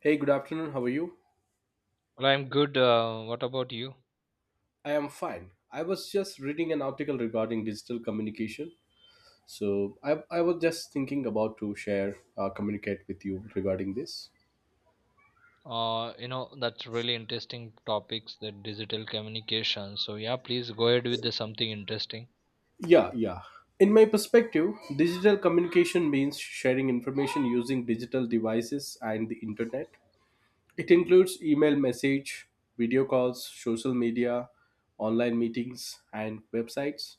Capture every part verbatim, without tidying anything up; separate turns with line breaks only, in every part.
Hey, good afternoon. How are you?
Well, I'm good. Uh, what about you?
I am fine. I was just reading an article regarding digital communication. So I, I was just thinking about to share, uh, communicate with you regarding this.
Uh, you know, that's really interesting topics, the digital communication. So yeah, please go ahead with the something interesting.
Yeah, yeah. In my perspective, digital communication means sharing information using digital devices and the internet. It includes email message, video calls, social media, online meetings, and websites.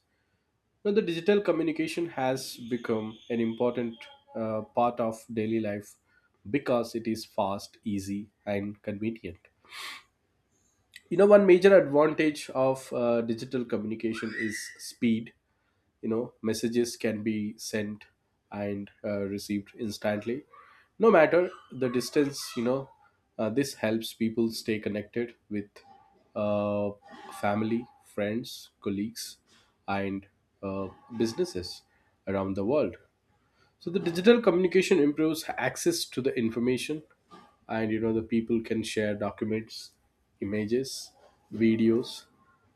Now, the digital communication has become an important uh, part of daily life because it is fast, easy, and convenient. You know, one major advantage of uh, digital communication is speed. You know, messages can be sent and uh, received instantly no matter the distance you know uh, This helps people stay connected with uh, family, friends, colleagues, and uh, businesses around the world. So the digital communication improves access to the information, and you know the people can share documents, images, videos,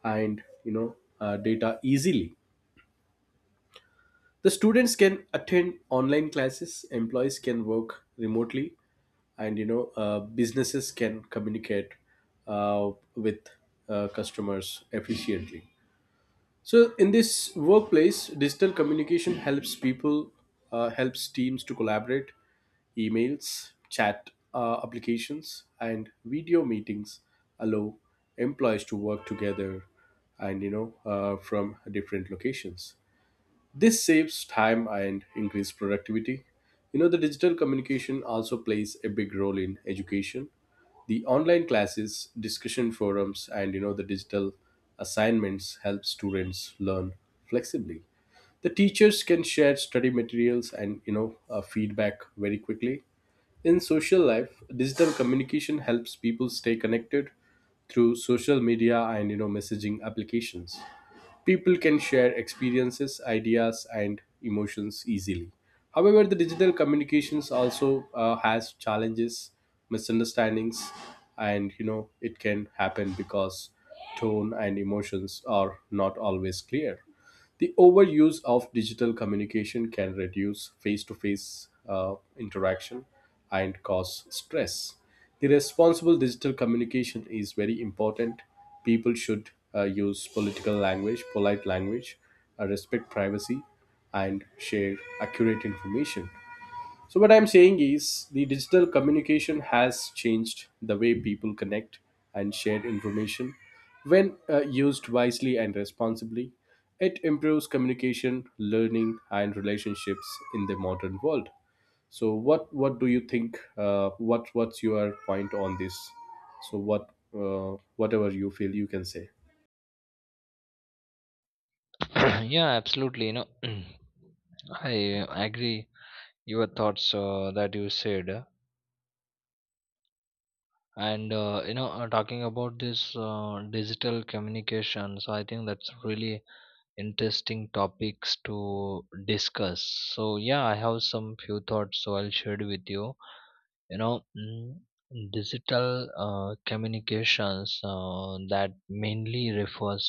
and you know uh, data easily. The students can attend online classes, employees can work remotely, and you know uh, businesses can communicate uh, with uh, customers efficiently. So in this workplace, digital communication helps people, uh, helps teams to collaborate. Emails, chat uh, applications, and video meetings allow employees to work together and you know uh, from different locations. This saves time and increases productivity. You know, the digital communication also plays a big role in education. The online classes, discussion forums, and you know, the digital assignments help students learn flexibly. The teachers can share study materials and you know uh, feedback very quickly. In social life, digital communication helps people stay connected through social media and you know messaging applications. People can share experiences, ideas, and emotions easily. However, the digital communications also uh, has challenges, misunderstandings, and you know it can happen because tone and emotions are not always clear. The overuse of digital communication can reduce face to face interaction and cause stress. The responsible digital communication is very important. People should uh, use political language, polite language, uh, respect privacy, and share accurate information. So, what I'm saying is the digital communication has changed the way people connect and share information. When uh, used wisely and responsibly, it improves communication, learning, and relationships in the modern world. So, what what do you think? Uh, what what's your point on this? So, what uh, whatever you feel, you can say.
Yeah, absolutely. You know, I uh, agree your thoughts uh, that you said. Uh, And uh, you know, uh, talking about this uh, digital communication, so I think that's really interesting topics to discuss. So yeah, I have some few thoughts, so I'll share it with you. you know mm, Digital uh, communications uh, that mainly refers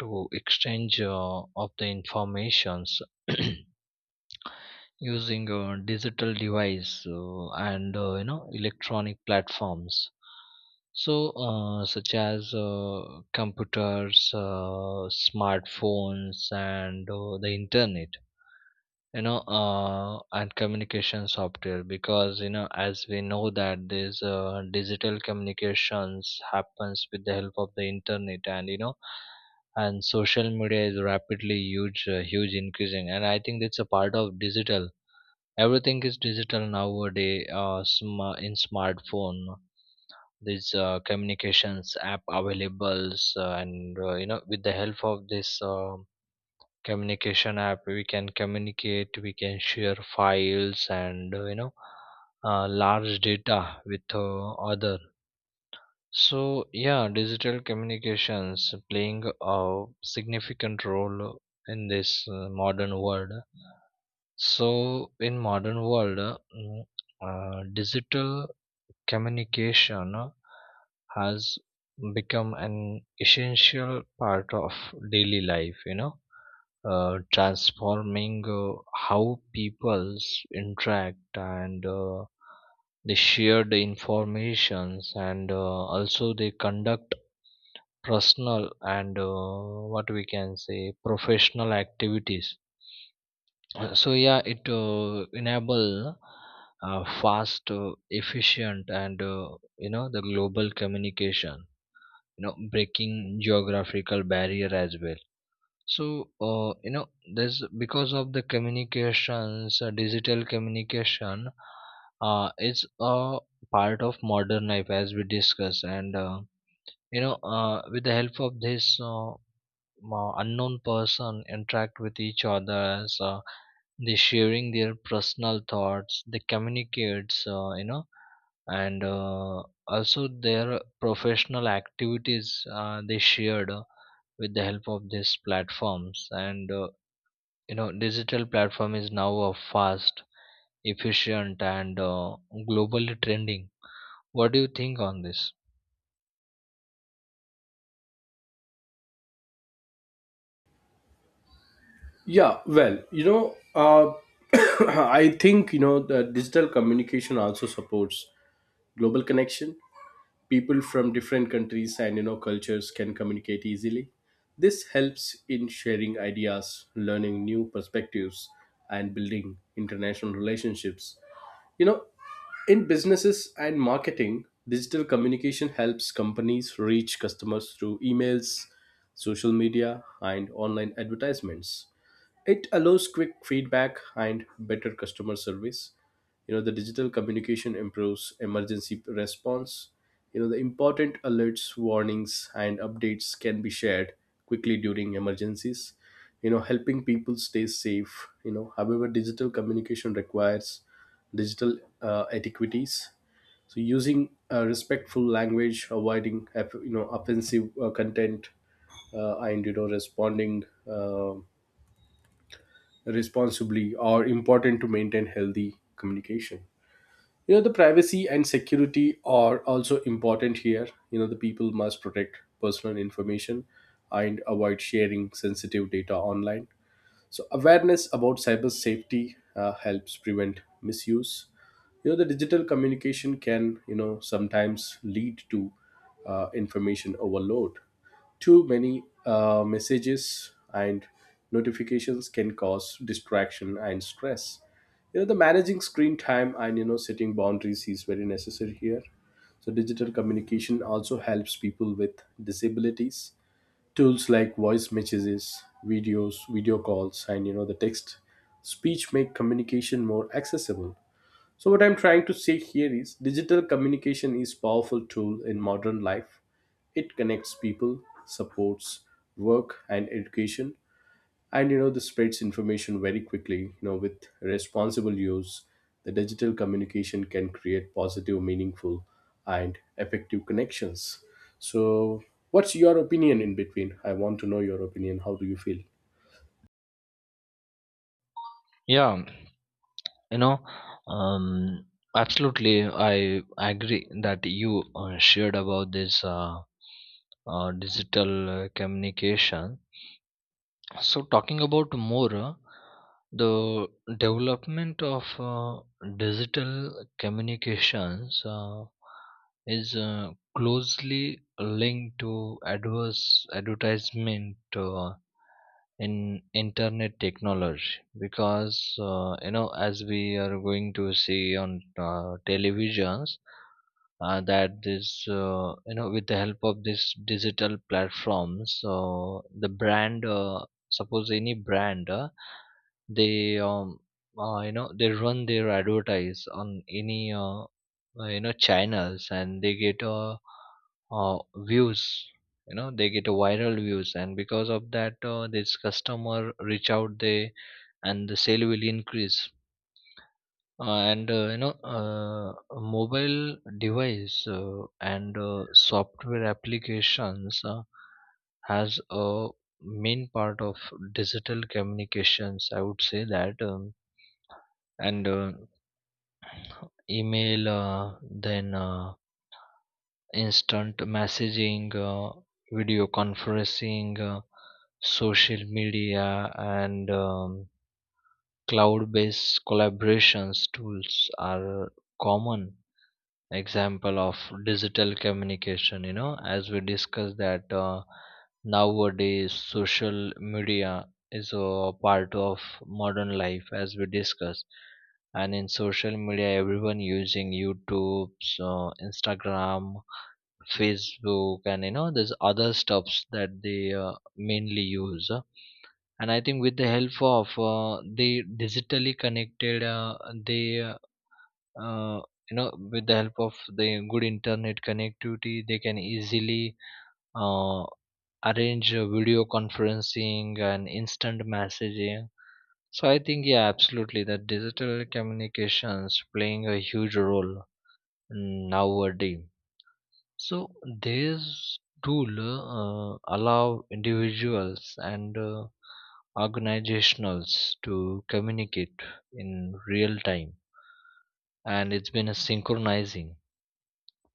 to exchange uh, of the informations using uh, digital device uh, and uh, you know electronic platforms, so uh, such as uh, computers, uh, smartphones, and uh, the internet, you know uh, and communication software, because you know as we know that this uh, digital communications happens with the help of the internet. And you know and social media is rapidly huge uh, huge increasing, and I think it's a part of digital. Everything is digital nowadays. Uh, sma- in smartphone these uh, communications app availables, uh, and uh, you know with the help of this uh, communication app, we can communicate, we can share files and uh, you know uh, large data with uh, other. So yeah, digital communications playing a significant role in this uh, modern world. So in modern world, uh, mm, uh, digital communication uh, has become an essential part of daily life, you know, uh, transforming uh, how peoples interact, and uh, they share the informations, and uh, also they conduct personal and, uh, what we can say professional activities. Uh, so yeah, it uh, enable, uh, fast uh, efficient, and uh, you know the global communication, you know, breaking geographical barrier as well. So, uh, you know, there's because of the communications, uh, digital communication, uh, is a part of modern life as we discuss, and uh, you know, uh, with the help of this uh, uh, unknown person, interact with each other as uh, they sharing their personal thoughts, they communicates, uh, you know, and uh, also their professional activities uh, they shared, uh, with the help of these platforms, and uh, you know digital platform is now a fast, efficient, and uh, globally trending. What do you think on this?
Yeah, well, you know, uh, I think you know the digital communication also supports global connection. People from different countries and you know cultures can communicate easily. This helps in sharing ideas, learning new perspectives, and building international relationships. You know, in businesses and marketing, digital communication helps companies reach customers through emails, social media, and online advertisements. It allows quick feedback and better customer service. You know, the digital communication improves emergency response. You know, the important alerts, warnings, and updates can be shared quickly during emergencies, you know, helping people stay safe. You know, however, digital communication requires digital uh, etiquettes. So, using uh, respectful language, avoiding you know offensive uh, content, uh, and you know responding. uh responsibly are important to maintain healthy communication. You know, the privacy and security are also important here. You know, the people must protect personal information and avoid sharing sensitive data online. So awareness about cyber safety uh, helps prevent misuse. You know the digital communication can you know sometimes lead to uh, information overload. Too many uh, messages and notifications can cause distraction and stress. You know the managing screen time and you know setting boundaries is very necessary here. So digital communication also helps people with disabilities. Tools like voice messages, videos, video calls, and you know the text speech make communication more accessible. So what I'm trying to say here is digital communication is powerful tool in modern life. It connects people, supports work and education, and you know this spreads information very quickly. You know, with responsible use, the digital communication can create positive, meaningful, and effective connections. So what's your opinion in between? I want to know your opinion. How do you feel?
Yeah, you know um absolutely, I agree that you uh, shared about this uh, uh, digital uh, communication. So, talking about more, uh, the development of uh, digital communications uh, is uh, closely linked to adverse advertisement uh, in internet technology, because uh, you know, as we are going to see on uh, televisions, uh, that this uh, you know with the help of this digital platforms, so the brand uh, suppose any brand uh, they um uh, you know they run their advertise on any uh, uh, you know channels, and they get, uh, uh, views, you know, they get a viral views, and because of that uh, this customer reach out they, and the sale will increase. Uh, and uh, you know uh, A mobile device uh, and uh, software applications uh, has a main part of digital communications, I would say that um, and uh, email, uh, then uh, instant messaging, uh, video conferencing, uh, social media, and um, cloud based collaborations tools are common example of digital communication. You know, as we discussed, that uh, nowadays social media is a part of modern life as we discussed. And in social media, everyone using YouTube, so Instagram, Facebook, and you know, there's other stuffs that they uh, mainly use. And I think with the help of uh, the digitally connected uh, they uh, uh, you know with the help of the good internet connectivity, they can easily uh, arrange uh, video conferencing and instant messaging. So I think, yeah, absolutely that digital communications playing a huge role nowadays. So these tool uh, allow individuals and uh, organizationals to communicate in real time, and it's been a synchronizing.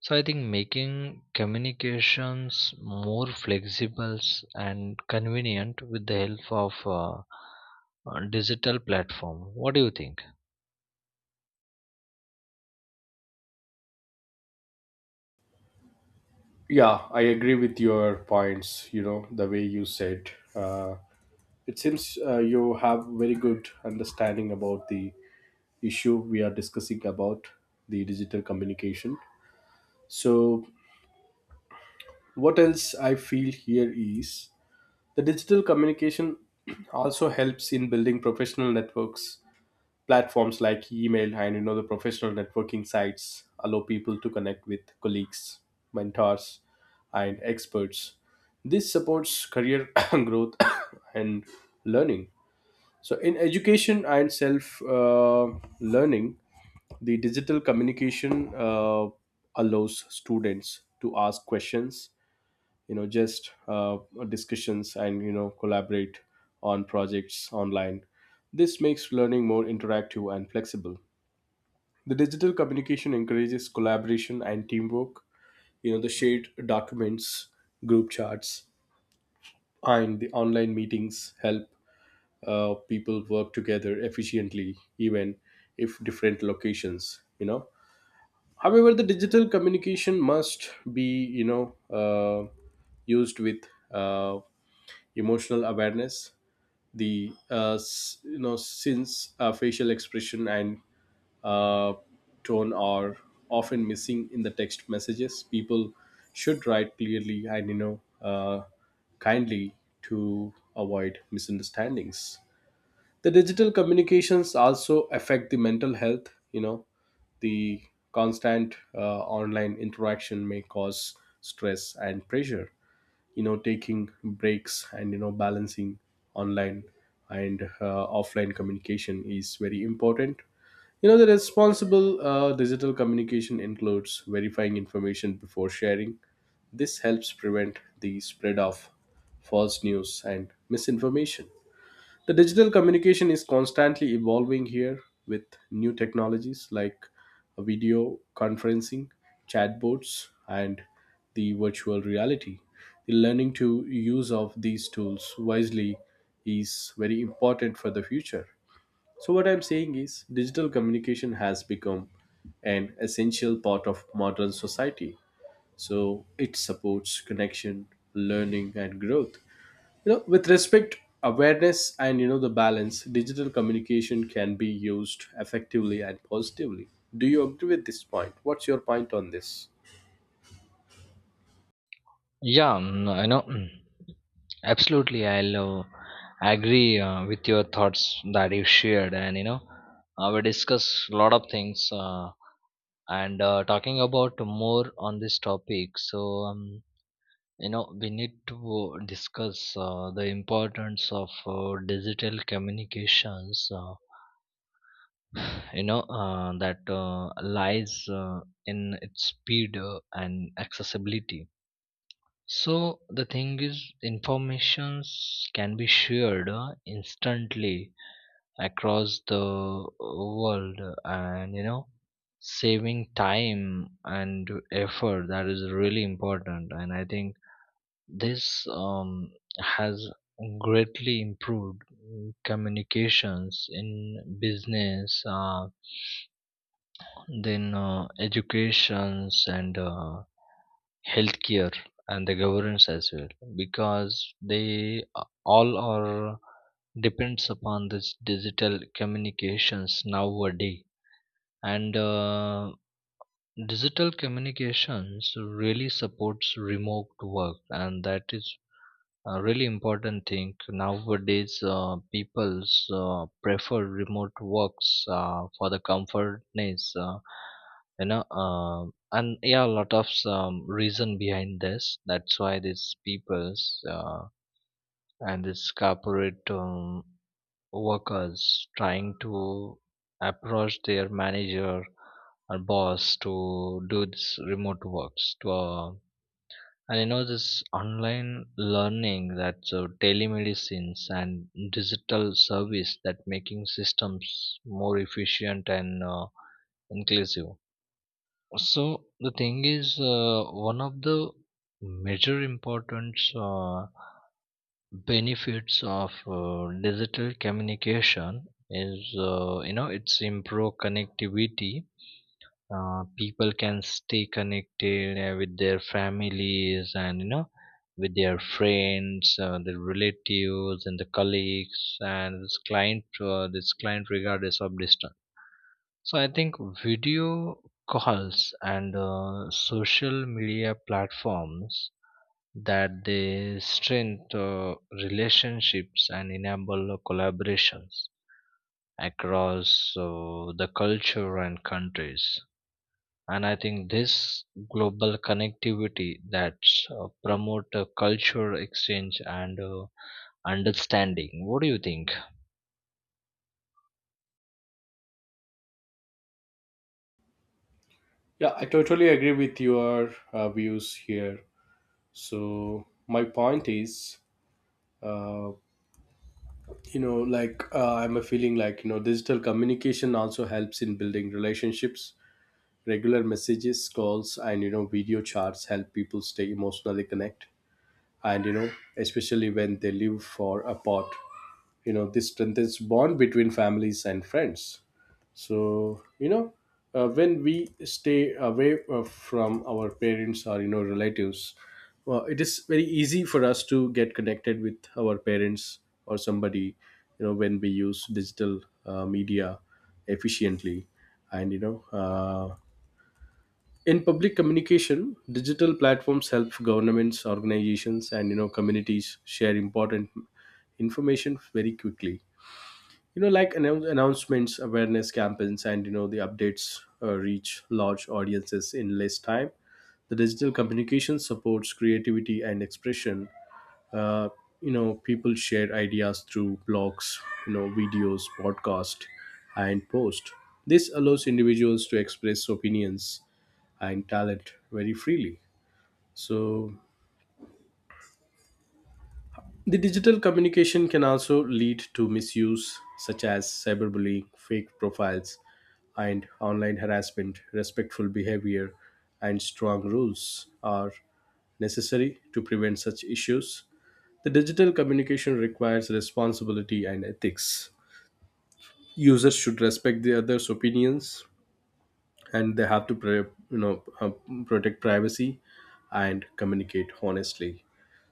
So I think making communications more flexible and convenient with the help of uh, uh, digital platform. What do you think?
Yeah, I agree with your points. You know the way you said, uh, it seems uh, you have very good understanding about the issue we are discussing about, the digital communication. So what else I feel here is, the digital communication also helps in building professional networks. Platforms like email and you know the professional networking sites allow people to connect with colleagues, mentors, and experts. This supports career growth and learning. So, in education and self uh, learning, the digital communication uh, allows students to ask questions, you know just uh, discussions, and you know collaborate on projects online. This makes learning more interactive and flexible. The digital communication encourages collaboration and teamwork. You know, the shared documents, group charts, and the online meetings help uh, people work together efficiently even if different locations. You know, however, the digital communication must be you know uh, used with uh, emotional awareness. The uh, s- you know Since uh, facial expression and uh, tone are often missing in the text messages, people should write clearly and you know uh, kindly to avoid misunderstandings. The digital communications also affect the mental health. You know, the constant uh, online interaction may cause stress and pressure. You know, taking breaks and you know balancing online and uh, offline communication is very important. You know the responsible uh, digital communication includes verifying information before sharing. This helps prevent the spread of false news and misinformation. The digital communication is constantly evolving here, with new technologies like video conferencing, chatbots, and the virtual reality. The learning to use of these tools wisely is very important for the future. So what I'm saying is digital communication has become an essential part of modern society. So it supports connection, learning and growth. You know, with respect, awareness, and you know the balance, digital communication can be used effectively and positively. Do you agree with this point? What's your point on this?
Yeah, mm, I know. mm, Absolutely, I'll uh, agree uh, with your thoughts that you shared, and you know, uh, we discuss a lot of things. Uh, and uh, Talking about more on this topic, so um, you know, we need to discuss uh, the importance of uh, digital communications uh, you know uh, that uh, lies uh, in its speed uh, and accessibility. So the thing is, informations can be shared uh, instantly across the uh, world, and you know, saving time and effort, that is really important. And I think This um, has greatly improved mm, communications in business, uh, then uh, educations and uh, healthcare, and the governance as well, because they a- all are depends upon this digital communications nowadays. And uh, digital communications really supports remote work, and that is a really important thing nowadays. Uh, people's uh, prefer remote works uh, for the comfortness, uh, you know uh, and yeah, a lot of um, reason behind this, that's why these people's uh, and these corporate um, workers trying to approach their manager or boss to do this remote works to uh, and you know, this online learning, that so telemedicines and digital service, that making systems more efficient and uh, inclusive. So the thing is, uh, one of the major important uh, benefits of uh, digital communication is, uh, you know, it's improve connectivity. Uh, people can stay connected uh, with their families, and you know with their friends, uh, their relatives, and the colleagues, and this client uh, this client regardless of distance. So I think video calls and uh, social media platforms, that they strengthen uh, relationships and enable collaborations across uh, the culture and countries. And I think this global connectivity, that uh, promote uh, culture exchange and uh, understanding. What do you think?
Yeah, I totally agree with your uh, views here. So my point is, uh, you know, like uh, I'm a feeling like you know, digital communication also helps in building relationships. Regular messages, calls, and you know, video chats help people stay emotionally connect. And you know, especially when they live for apart. You know, this strengthens bond between families and friends. So you know, uh, when we stay away uh, from our parents or you know relatives, well, it is very easy for us to get connected with our parents or somebody, you know, when we use digital uh, media efficiently. And you know, uh, in public communication, digital platforms help governments, organizations, and you know communities share important information very quickly. You know, like annou- announcements, awareness campaigns, and you know the updates uh, reach large audiences in less time. The digital communication supports creativity and expression. uh, you know, people share ideas through blogs, you know, videos, podcast, and post. This allows individuals to express opinions and talent very freely. So the digital communication can also lead to misuse, such as cyberbullying, fake profiles, and online harassment. Respectful behavior and strong rules are necessary to prevent such issues. The digital communication requires responsibility and ethics. Users should respect the others' opinions, and they have to, pre- you know, uh, protect privacy and communicate honestly.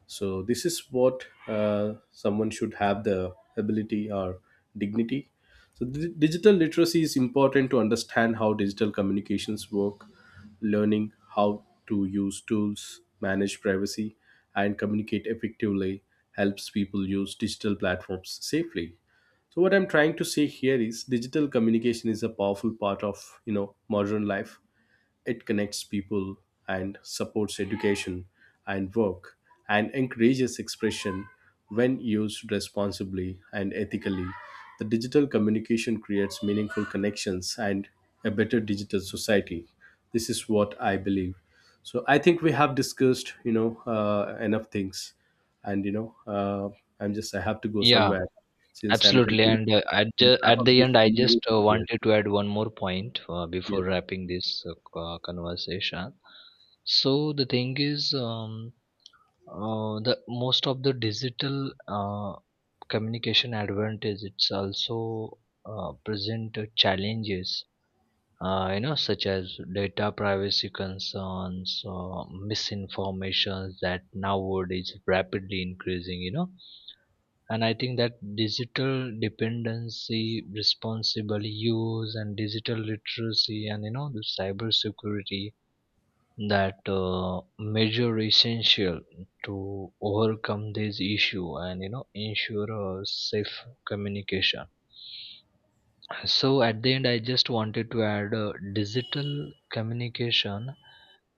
So this is what uh, someone should have the ability or dignity. So di- digital literacy is important to understand how digital communications work. Learning how to use tools, manage privacy, and communicate effectively helps people use digital platforms safely. So what I'm trying to say here is digital communication is a powerful part of you know modern life. It connects people and supports education and work and encourages expression. When used responsibly and ethically, the digital communication creates meaningful connections and a better digital society. This is what I believe. So I think we have discussed, you know, uh, enough things, and you know, uh, I'm just I have to go
Yeah,
somewhere since I'm
absolutely,
thinking
and uh, at,
to
ju-
wrap
at
up
the
this
end, I just uh,
conversation here.
wanted to add one more point uh,
Yeah.
before wrapping this uh, c- uh, conversation. So the thing is, um, uh, the most of the digital uh, communication advantage, it's also uh, present uh, challenges, uh, you know, such as data privacy concerns or misinformations that nowadays rapidly increasing, you know. And I think that digital dependency, responsible use, and digital literacy, and you know, the cyber security, that uh, measure essential to overcome this issue, and you know, ensure a safe communication. So at the end, I just wanted to add, uh, digital communication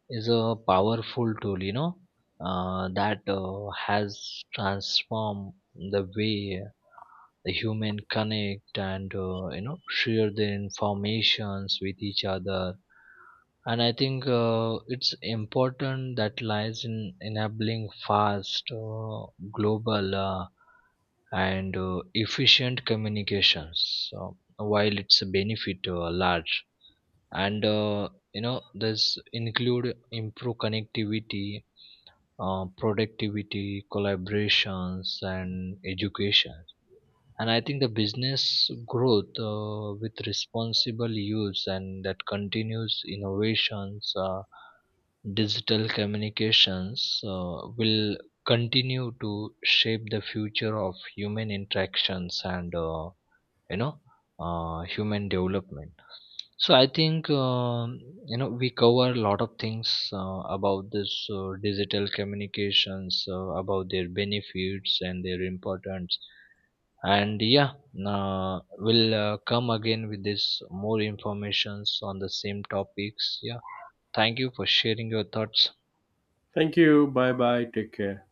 is a powerful tool, you know, uh, that uh, has transformed the way the human connect, and uh, you know share their informations with each other. And I think uh, it's important that lies in enabling fast, uh, global, uh, and uh, efficient communications. So while its benefit uh, large, and uh, you know this include improve connectivity, uh, productivity, collaborations, and education, and I think the business growth uh, with responsible use, and that continuous innovations uh, digital communications uh, will continue to shape the future of human interactions, and uh, you know uh, human development. So I think, um, you know, we cover a lot of things uh, about this uh, digital communications, uh, about their benefits and their importance. And yeah, uh, we'll uh, come again with this more informations on the same topics. Yeah, thank you for sharing your thoughts.
Thank you. Bye bye. Take care.